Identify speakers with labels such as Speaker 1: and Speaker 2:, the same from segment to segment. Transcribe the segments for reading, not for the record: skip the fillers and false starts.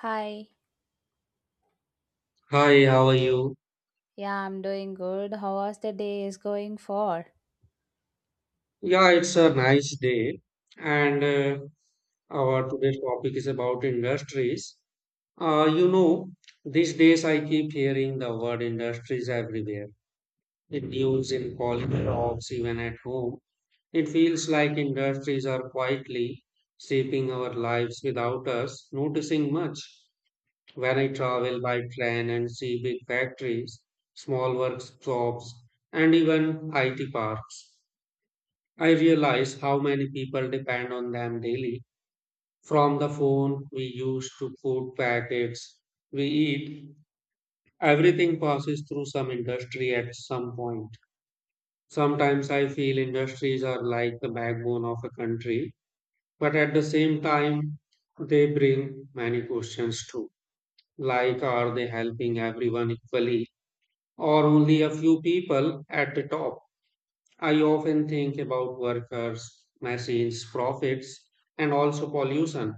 Speaker 1: Hi,
Speaker 2: Hi, how are you?
Speaker 1: yeah, I'm doing good. How was the day is going for?
Speaker 2: Yeah, it's a nice day, and our today's topic is about industries. Uh, you know, these days I keep hearing the word industries everywhere. In news, in college talks, even at home. It feels like industries are quietly shaping our lives without us noticing much. When I travel by train and see big factories, small workshops, and even IT parks. I realize how many people depend on them daily, from the phone we use to food packets we eat. Everything passes through some industry at some point. Sometimes I feel industries are like the backbone of a country, but at the same time, they bring many questions too. Like, are they helping everyone equally, or only a few people at the top? I often think about workers, machines, profits, and also pollution.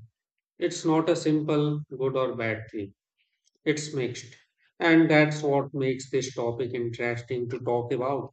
Speaker 2: It's not a simple good or bad thing, it's mixed. And that's what makes this topic interesting to talk about.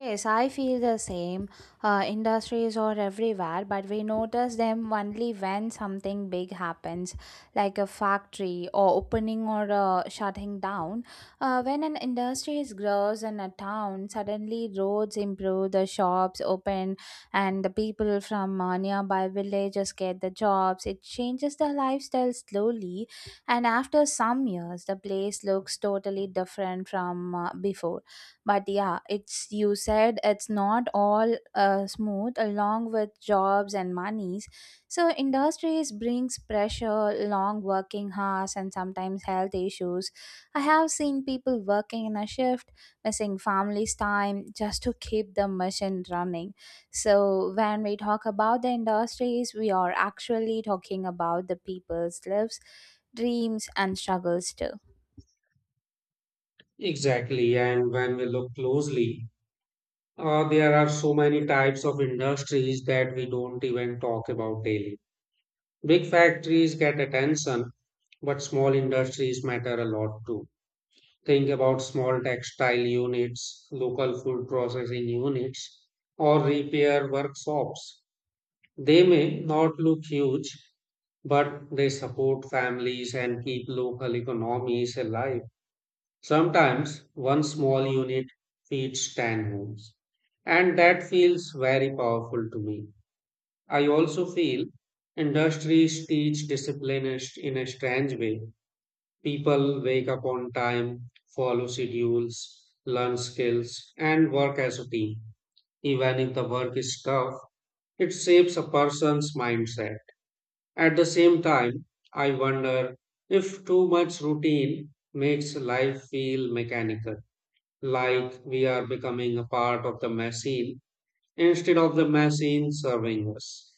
Speaker 1: Yes, I feel the same. Industries are everywhere, but we notice them only when something big happens, like a factory or opening or shutting down. When an industry grows in a town, suddenly roads improve, the shops open, and the people from nearby villages get the jobs. It changes the lifestyle slowly, and after some years, the place looks totally different from before, but yeah, it's you said it's not all smooth. Along with jobs and monies, so industries brings pressure, long working hours, and sometimes health issues. I have seen people working in a shift, missing family's time just to keep the machine running. So when we talk about the industries, we are actually talking about the people's lives, dreams, and struggles too.
Speaker 2: Exactly. And when we look closely, there are so many types of industries that we don't even talk about daily. Big factories get attention, but small industries matter a lot too. Think about small textile units, local food processing units, or repair workshops. They may not look huge, but they support families and keep local economies alive. Sometimes one small unit feeds 10 homes, and that feels very powerful to me. I also feel industries teach discipline in a strange way. People wake up on time, follow schedules, learn skills, and work as a team. Even if the work is tough, it shapes a person's mindset. At the same time, I wonder if too much routine makes life feel mechanical, like we are becoming a part of the machine instead of the machine serving us.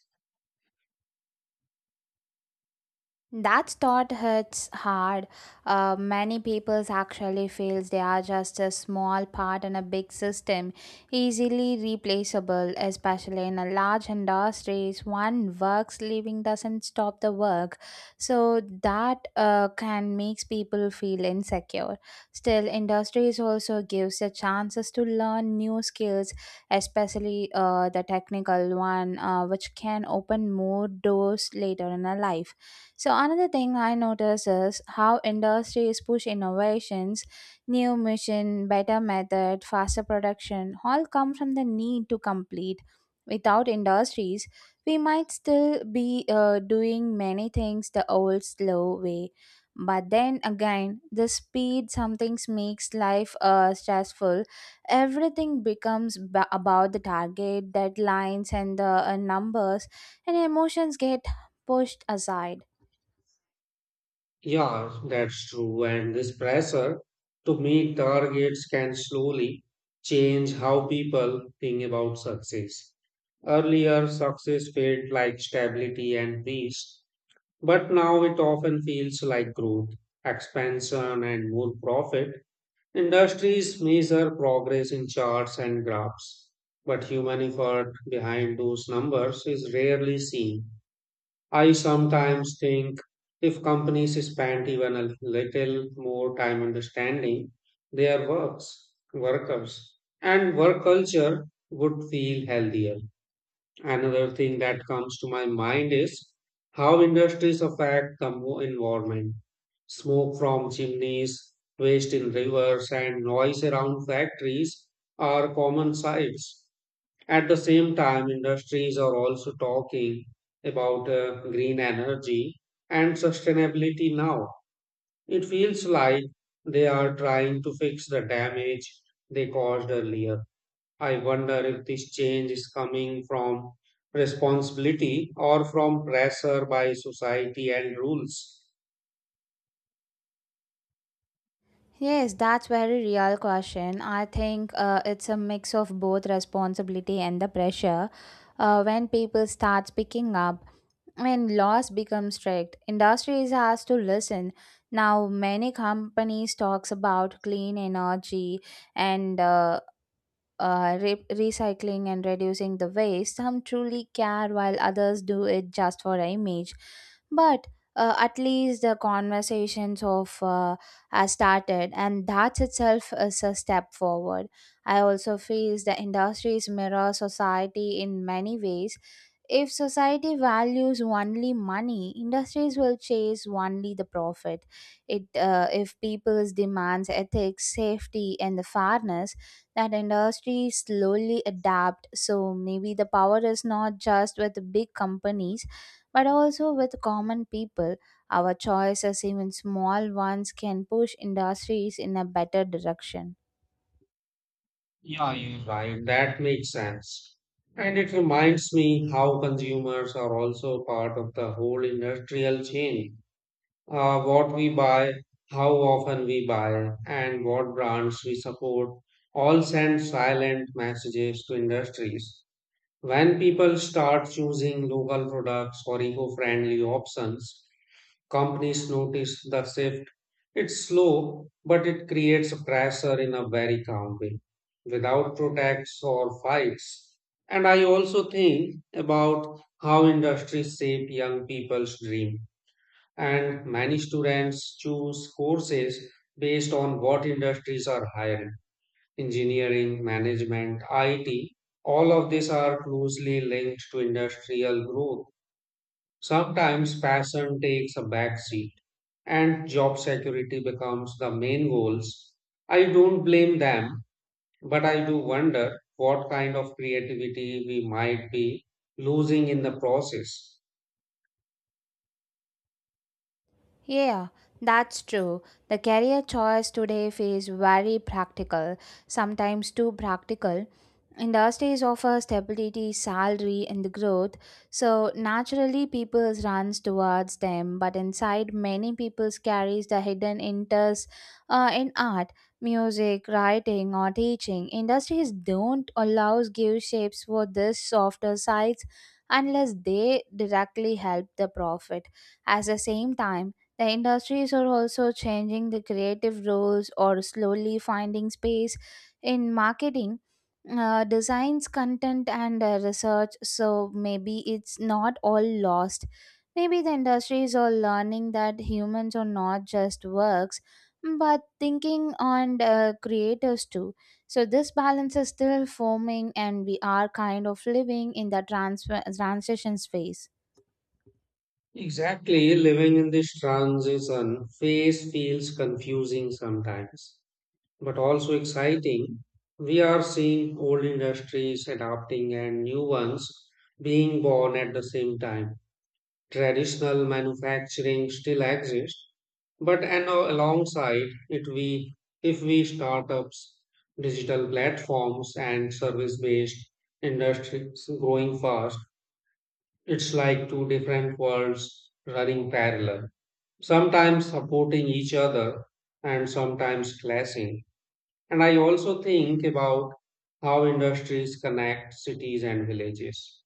Speaker 1: That thought hurts hard. Many people actually feels they are just a small part in a big system, easily replaceable, especially in a large industries. One works leaving doesn't stop the work, so that can makes people feel insecure. Still, industries also gives the chances to learn new skills, especially the technical one, which can open more doors later in a life. So another thing I notice is how industries push innovations, new mission, better method, faster production, all come from the need to complete. Without industries, we might still be doing many things the old slow way. But then again, the speed sometimes makes life stressful. Everything becomes about the target, deadlines, and the numbers, and emotions get pushed aside.
Speaker 2: Yeah, that's true. And this pressure to meet targets can slowly change how people think about success. Earlier, success felt like stability and peace, but now it often feels like growth, expansion, and more profit. Industries measure progress in charts and graphs, but human effort behind those numbers is rarely seen. I sometimes think if companies spent even a little more time understanding their works, workers, and work culture would feel healthier. Another thing that comes to my mind is how industries affect the environment. Smoke from chimneys, waste in rivers, and noise around factories are common sights. At the same time, industries are also talking about green energy and sustainability now. It feels like they are trying to fix the damage they caused earlier. I wonder if this change is coming from responsibility or from pressure by society and rules.
Speaker 1: Yes, that's very real question. I think it's a mix of both responsibility and the pressure. When people start picking up, when laws become strict, industries has to listen. Now, many companies talks about clean energy and recycling and reducing the waste. Some truly care while others do it just for image. But at least the conversations of has started, and that itself is a step forward. I also feel the industries mirror society in many ways. If society values only money, industries will chase only the profit. It if people's demands ethics, safety, and the fairness, that industry slowly adapt. So maybe the power is not just with big companies but also with common people. Our choices, even small ones, can push industries in a better direction.
Speaker 2: Yeah, you're right. That makes sense. And it reminds me how consumers are also part of the whole industrial chain, what we buy, how often we buy, and what brands we support all send silent messages to industries. When people start choosing local products or eco friendly options, companies notice the shift. It's slow, but it creates pressure in a very calm way without protests or fights. And I also think about how industries shape young people's dreams, and many students choose courses based on what industries are hiring, engineering, management, it, all of these are closely linked to industrial growth. Sometimes passion takes a back seat and job security becomes the main goals. I don't blame them, but I do wonder what kind of creativity we might be losing in the process.
Speaker 1: Yeah, that's true. The career choice today feels very practical, sometimes too practical. Industries offer stability, salary, and growth, so naturally people runs towards them. But inside, many people carries the hidden interests in art, music, writing, or teaching. Industries don't allow give shapes for this softer sides unless they directly help the profit. At the same time, the industries are also changing the creative roles or slowly finding space in marketing, designs, content, and research. So maybe it's not all lost. Maybe the industries are learning that humans are not just works but thinking and creators too. So this balance is still forming, and we are kind of living in the transfer transition phase.
Speaker 2: Exactly, living in this transition phase feels confusing sometimes, but also exciting. We are seeing old industries adapting and new ones being born at the same time. Traditional manufacturing still exists, but and alongside it, we if we startups, digital platforms, and service-based industries growing fast. It's like two different worlds running parallel, sometimes supporting each other and sometimes clashing. And I also think about how industries connect cities and villages.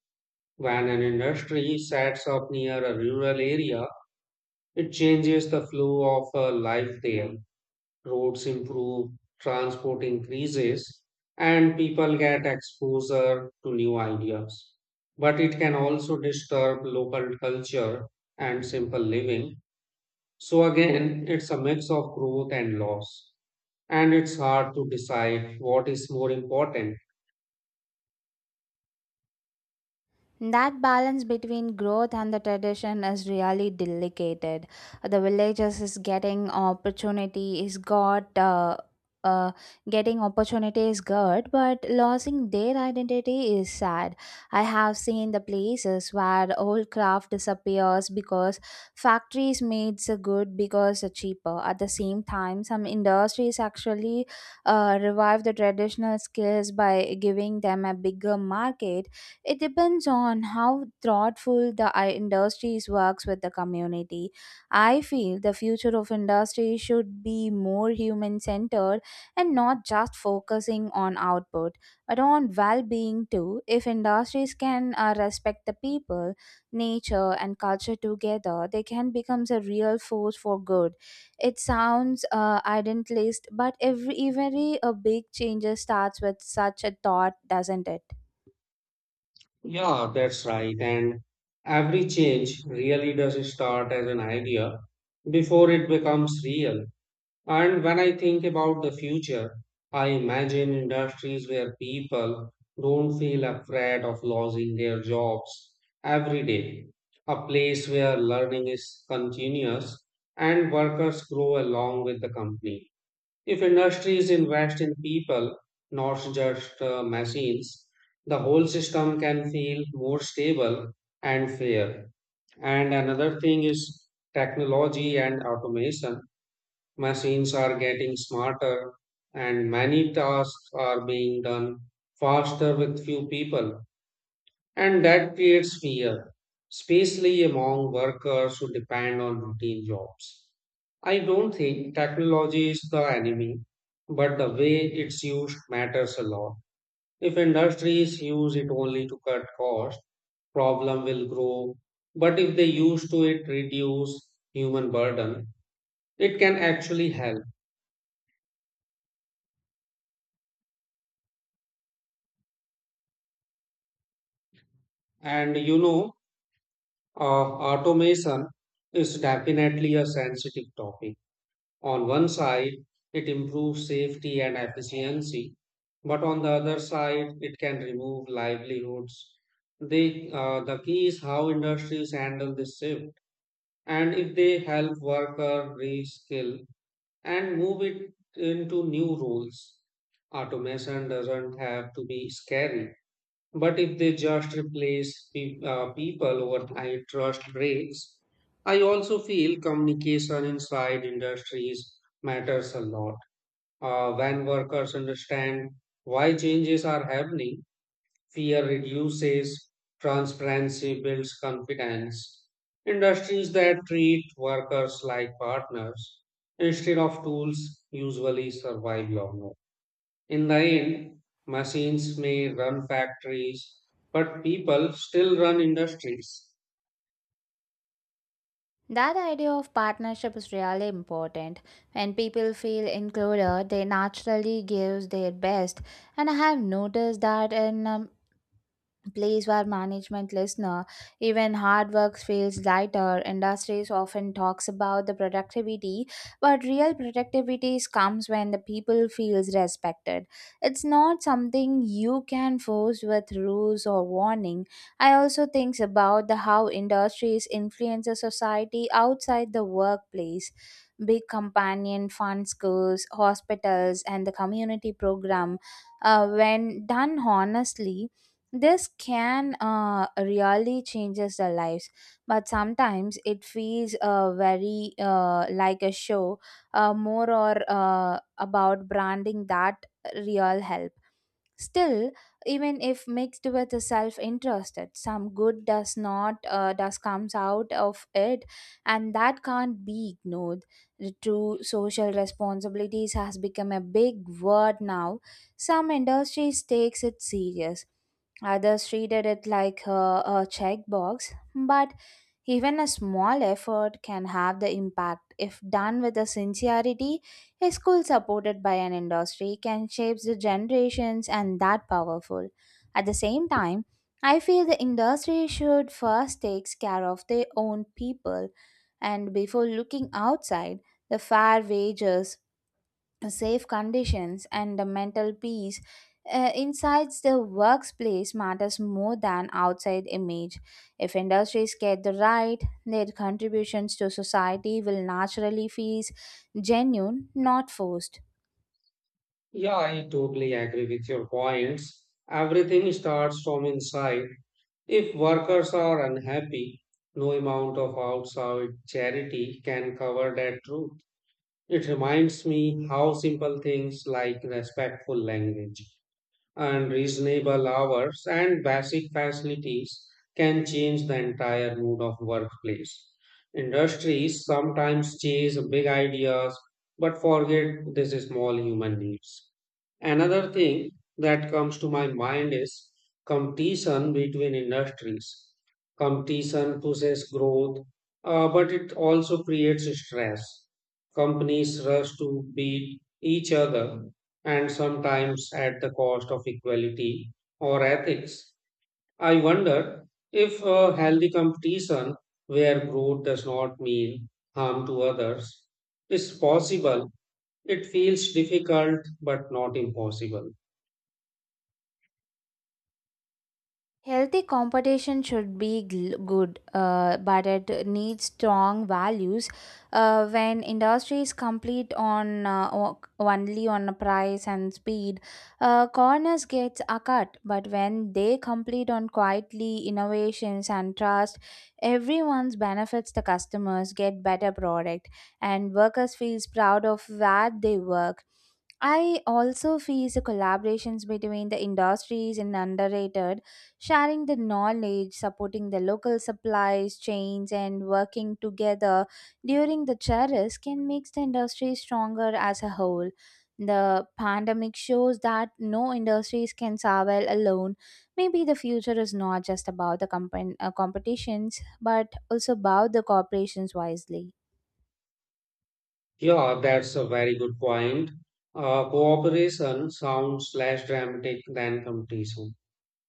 Speaker 2: When an industry sets up near a rural area, it changes the flow of life there. Roads improve, transport increases, and people get exposure to new ideas. But it can also disturb local culture and simple living. So again, it's a mix of growth and loss, and it's hard to decide what is more important.
Speaker 1: That balance between growth and the tradition is really delicate. The villages is getting opportunity is got uh, getting opportunity is good, but losing their identity is sad. I have seen the places where old craft disappears because factories made the good because it's cheaper. At the same time, some industries actually revive the traditional skills by giving them a bigger market. It depends on how thoughtful the industries works with the community. I feel the future of industry should be more human centered and not just focusing on output, but on well-being too. If industries can respect the people, nature, and culture together, they can become a real force for good. It sounds idealist, but every a big change starts with such a thought, doesn't it?
Speaker 2: Yeah, that's right. And every change really does start as an idea before it becomes real. And when I think about the future, I imagine industries where people don't feel afraid of losing their jobs every day, a place where learning is continuous and workers grow along with the company. If industries invest in people, not just machines, the whole system can feel more stable and fair. And another thing is technology and automation. Machines are getting smarter, and many tasks are being done faster with few people. And that creates fear, especially among workers who depend on routine jobs. I don't think technology is the enemy, but the way it's used matters a lot. If industries use it only to cut costs, problem will grow. But if they use to it reduce human burden, it can actually help. And you know, automation is definitely a sensitive topic. On one side, it improves safety and efficiency, but on the other side, it can remove livelihoods. The key is how industries handle this shift and if they help worker reskill and move it into new roles. Automation doesn't have to be scary. But if they just replace people overnight, trust breaks. I also feel communication inside industries matters a lot. When workers understand why changes are happening, fear reduces, transparency builds confidence. Industries that treat workers like partners instead of tools usually survive longer. In the end, machines may run factories, but people still run industries.
Speaker 1: That idea of partnership is really important. When people feel included, they naturally give their best. And I have noticed that in place where management listener, even hard work feels lighter. Industries often talks about the productivity, but real productivity comes when the people feels respected. It's not something you can force with rules or warning. I also thinks about the how industries influence a society outside the workplace. Big companion fund schools, hospitals, and the community program. Uh, when done honestly, this can really changes their lives, but sometimes it feels very like a show, more or about branding that real help. Still, even if mixed with a self-interested, some good does not does comes out of it, and that can't be ignored. The true social responsibilities has become a big word now. Some industries takes it serious, others treated it like a checkbox, but even a small effort can have the impact if done with a sincerity. A school supported by an industry can shape the generations, and that powerful. At the same time, I feel the industry should first take care of their own people and before looking outside. The fair wages, safe conditions, and the mental peace inside the workplace matters more than outside image. If industries get the right, their contributions to society will naturally feel genuine, not forced.
Speaker 2: Yeah, I totally agree with your points. Everything starts from inside. If workers are unhappy, no amount of outside charity can cover that truth. It reminds me how simple things like respectful language and reasonable hours and basic facilities can change the entire mood of workplace. Industries sometimes chase big ideas but forget these small human needs. Another thing that comes to my mind is competition between industries. Competition pushes growth, but it also creates stress. Companies rush to beat each other and sometimes at the cost of equality or ethics. I wonder if a healthy competition where growth does not mean harm to others is possible. It feels difficult but not impossible.
Speaker 1: Healthy competition should be good, but it needs strong values. When industries compete on only on a price and speed, corners gets a cut. But when they compete on quietly innovations and trust, everyone's benefits. The customers get better product, and workers feels proud of where they work. I also feel the collaborations between the industries and underrated. Sharing the knowledge, supporting the local supplies chains, and working together during the tariffs can make the industry stronger as a whole. The pandemic shows that no industries can survive alone. Maybe the future is not just about the competitions, but also about the corporations wisely.
Speaker 2: Yeah, that's a very good point. Cooperation sounds less dramatic than competition,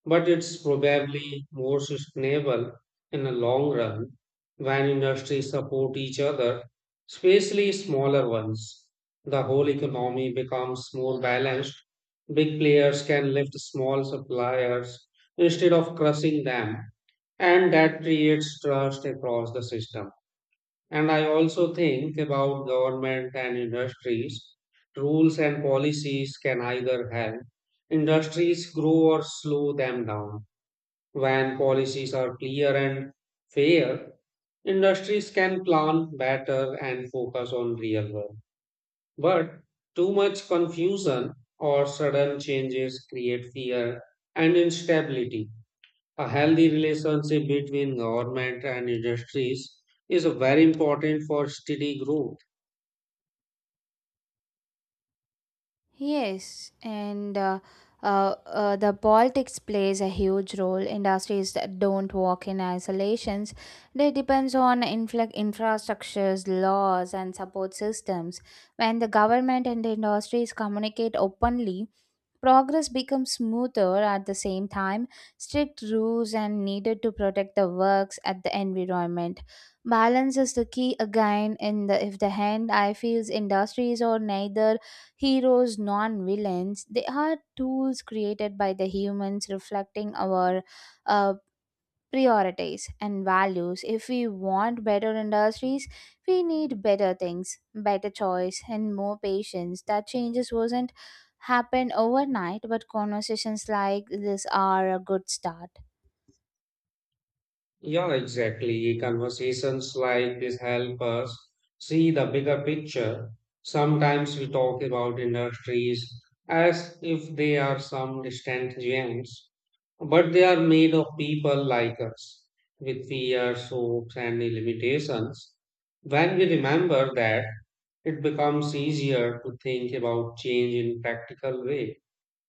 Speaker 2: but it's probably more sustainable in the long run when industries support each other, especially smaller ones. The whole economy becomes more balanced. Big players can lift small suppliers instead of crushing them, and that creates trust across the system. And I also think about government and industries. Rules and policies can either help industries grow or slow them down. When policies are clear and fair, industries can plan better and focus on real work. But too much confusion or sudden changes create fear and instability. A healthy relationship between government and industries is very important for steady growth.
Speaker 1: Yes, and the Baltics plays a huge role. Industries that don't work in isolations. They depends on infrastructures, laws, and support systems. When the government and the industries communicate openly, progress becomes smoother at the same time. Strict rules are needed to protect the works at the environment. Balance is the key again in the if the hand I feels industries are neither heroes nor villains. They are tools created by the humans reflecting our uh, priorities and values. If we want better industries, we need better things, better choice, and more patience. That changes wasn't happen overnight, but conversations like this are a good start.
Speaker 2: Yeah, exactly. Conversations like this help us see the bigger picture. Sometimes we talk about industries as if they are some distant giants, but they are made of people like us with fears, hopes, and limitations. When we remember that, it becomes easier to think about change in practical ways,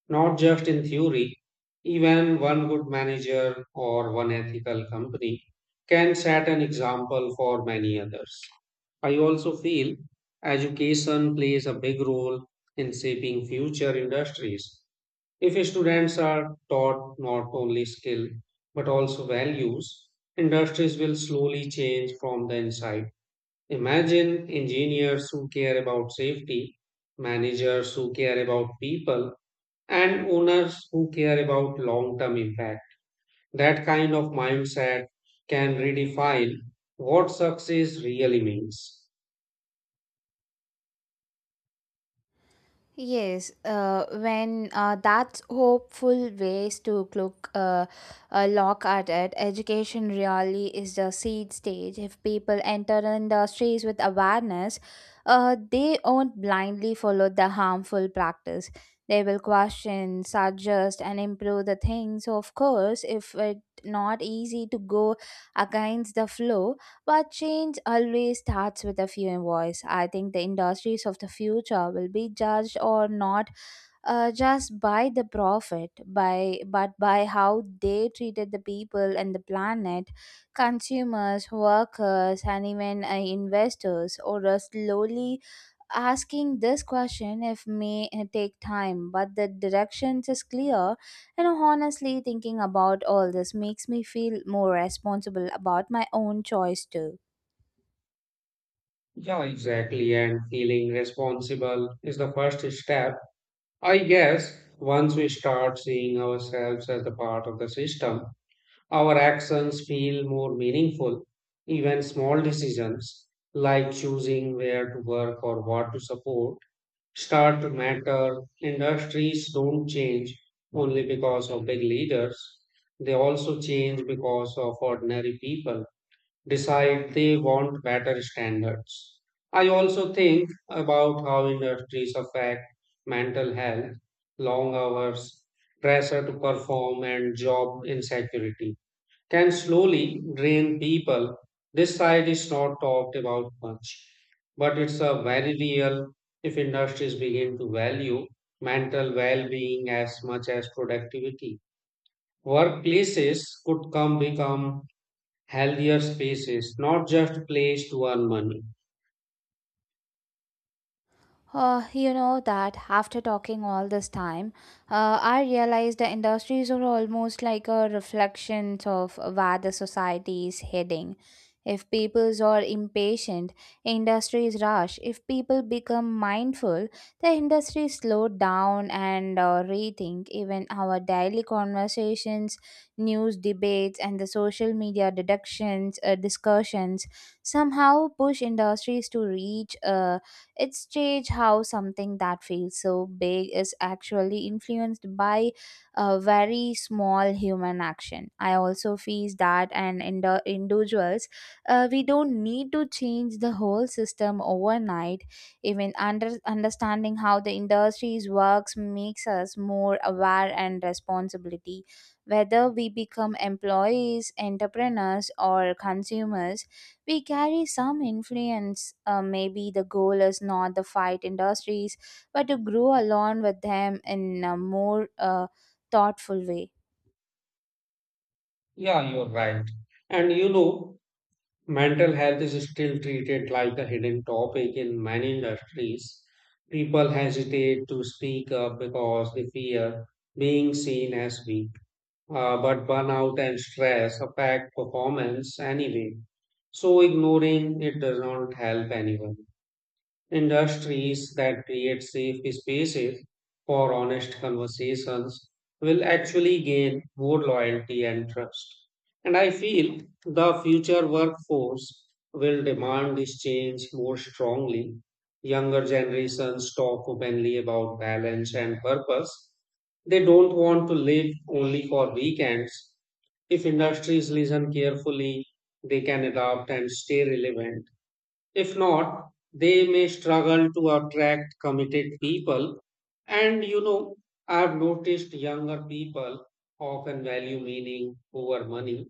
Speaker 2: not just in theory. Even one good manager or one ethical company can set an example for many others. I also feel education plays a big role in shaping future industries. If students are taught not only skill but also values, industries will slowly change from the inside. Imagine engineers who care about safety, managers who care about people, and owners who care about long term impact. That kind of mindset can redefine what success really means.
Speaker 1: Yes, when that's hopeful ways to look at it. Education really is the seed stage. If people enter industries with awareness, they won't blindly follow the harmful practice. They will question, suggest, and improve the things. Of course, if it not easy to go against the flow, but change always starts with a few voice. I think the industries of the future will be judged or not just by the profit, by but by how they treated the people and the planet, consumers, workers, and even investors. Or slowly asking this question if may take time, but the directions is clear. And honestly, thinking about all this makes me feel more responsible about my own choice too.
Speaker 2: Yeah, exactly. And feeling responsible is the first step. I guess once we start seeing ourselves as the part of the system, our actions feel more meaningful. Even small decisions like choosing where to work or what to support start to matter. Industries don't change only because of big leaders, they also change because of ordinary people decide they want better standards. I also think about how industries affect mental health, long hours, pressure to perform, and job insecurity can slowly drain people. This side is not talked about much, but it's a very real if industries begin to value mental well-being as much as productivity. Workplaces could come become healthier spaces, not just place to earn money.
Speaker 1: You know that after talking all this time, I realized the industries are almost like a reflection of where the society is heading. If peoples are impatient, industries rush. If people become mindful, the industries slow down and rethink. Even our daily conversations, news debates, and the social media deductions, discussions somehow push industries to reach. It's strange how something that feels so big is actually influenced by a very small human action. I also feel that and individuals, we don't need to change the whole system overnight. Even understanding how the industries works makes us more aware and responsibility. Whether we become employees, entrepreneurs, or consumers, we carry some influence. Maybe the goal is not the fight industries, but to grow along with them in a more thoughtful way.
Speaker 2: Yeah, you're right. And you know, mental health is still treated like a hidden topic in many industries. People hesitate to speak up because they fear being seen as weak. But burnout and stress affect performance anyway, so ignoring it does not help anyone. Industries that create safe spaces for honest conversations will actually gain more loyalty and trust. And I feel the future workforce will demand this change more strongly. Younger generations talk openly about balance and purpose. They don't want to live only for weekends. If industries listen carefully, they can adapt and stay relevant. If not, they may struggle to attract committed people. And you know, I've noticed younger people often value meaning over money.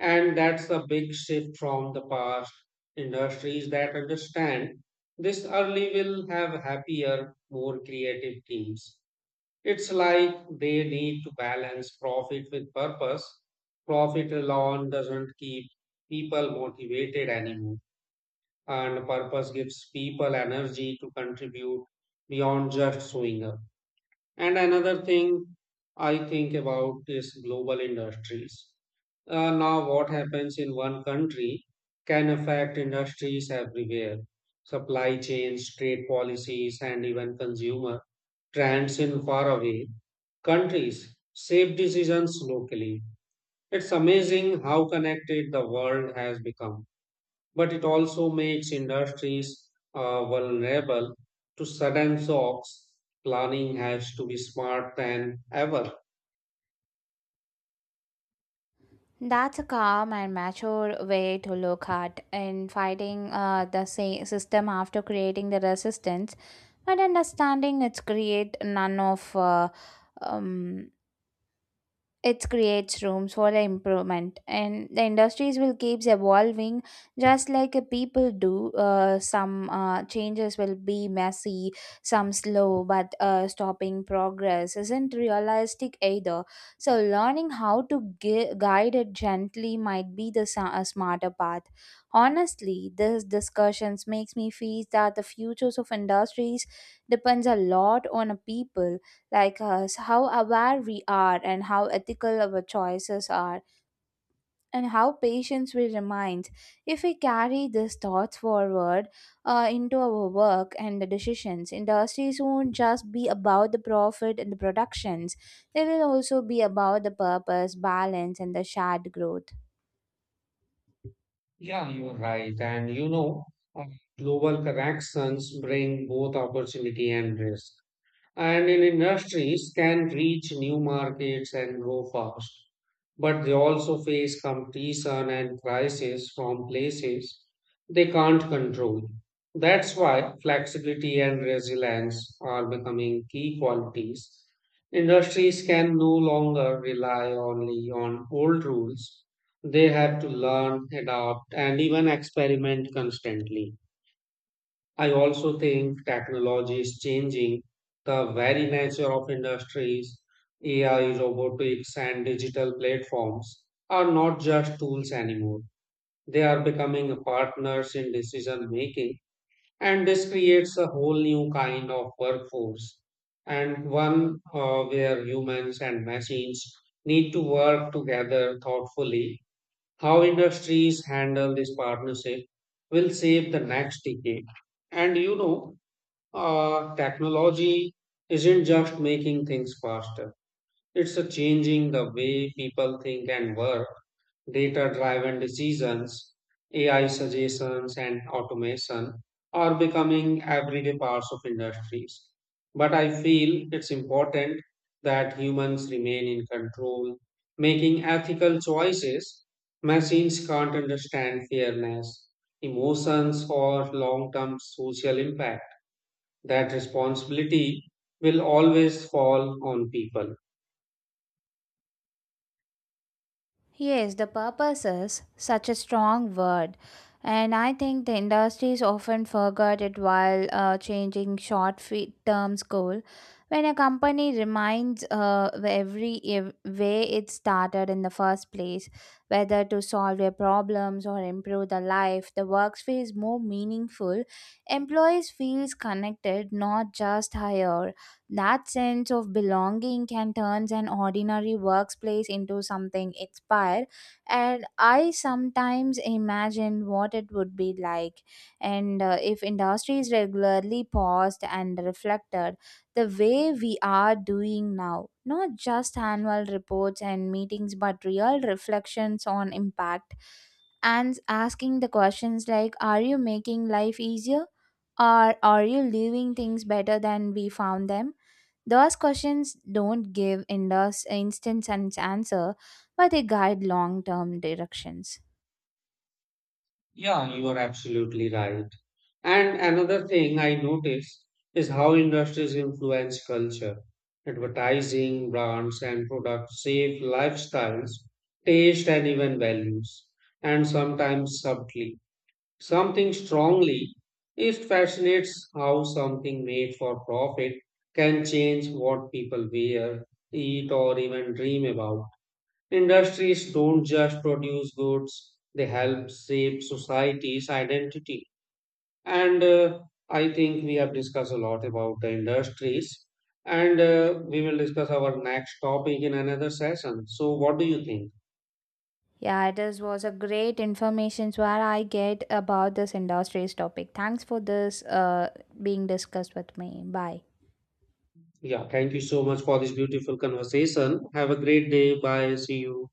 Speaker 2: And that's a big shift from the past. Industries that understand this early will have happier, more creative teams. It's like they need to balance profit with purpose. Profit alone doesn't keep people motivated anymore and purpose gives people energy to contribute beyond just showing up. And another thing I think about is global industries. Now, what happens in one country can affect industries everywhere. Supply chains, trade policies, and even consumer trends in faraway countries shape decisions locally. It's amazing how connected the world has become, but it also makes industries vulnerable to sudden shocks. Planning has to be smart than ever.
Speaker 1: That's a calm and mature way to look at in fighting the system after creating the resistance, but understanding it's create none of um, it creates rooms for the improvement, and the industries will keeps evolving just like people do. Uh, some changes will be messy, some slow, but stopping progress isn't realistic either. So learning how to guide it gently might be the a smarter path. Honestly, this discussions makes me feel that the futures of industries depends a lot on a people like us, how aware we are, and how ethical our choices are, and how patient we remain. If we carry these thoughts forward into our work and the decisions, industries won't just be about the profit and the productions, they will also be about the purpose, balance, and the shared growth.
Speaker 2: Yeah, you're right. And you know, uh, global connections bring both opportunity and risk, and in industries can reach new markets and grow fast. But they also face competition and crisis from places they can't control. That's why flexibility and resilience are becoming key qualities. Industries can no longer rely only on old rules. They have to learn, adapt, and even experiment constantly. I also think technology is changing the very nature of industries. AI, robotics, and digital platforms are not just tools anymore. They are becoming partners in decision making, and this creates a whole new kind of workforce, and one where humans and machines need to work together thoughtfully. How industries handle this partnership will shape the next decade. And you know, technology isn't just making things faster. It's a changing the way people think and work, data driven decisions, AI suggestions, and automation are becoming everyday parts of industries. But I feel it's important that humans remain in control, making ethical choices. Machines can't understand fairness, emotions, or long term social impact that responsibility will always fall on people.
Speaker 1: Yes, the purpose is such a strong word. And I think the industries often forget it while changing short terms goal. When a company reminds way it started in the first place, whether to solve their problems or improve the life, the work feels more meaningful. Employees feels connected, not just hired. That sense of belonging can turn an ordinary workplace into something inspired, and I sometimes imagine what it would be like. And if industries regularly paused and reflected the way we are doing now, not just annual reports and meetings, but real reflections on impact, and asking the questions like, are you making life easier, or are you leaving things better than we found them? Those questions don't give indus instant answer, but they guide long-term directions.
Speaker 2: Yeah, you are absolutely right. And another thing I noticed is how industries influence culture. Advertising, brands, and products shape lifestyles, taste, and even values, and sometimes subtly. Something strongly. It fascinates how something made for profit can change what people wear, eat, or even dream about. Industries don't just produce goods, they help shape society's identity. And I think we have discussed a lot about the industries, and we will discuss our next topic in another session. So, what do you think?
Speaker 1: Yeah, it is, was a great information where I get about this industries topic. Thanks for this being discussed with me. Bye.
Speaker 2: Yeah, thank you so much for this beautiful conversation. Have a great day. Bye. See you.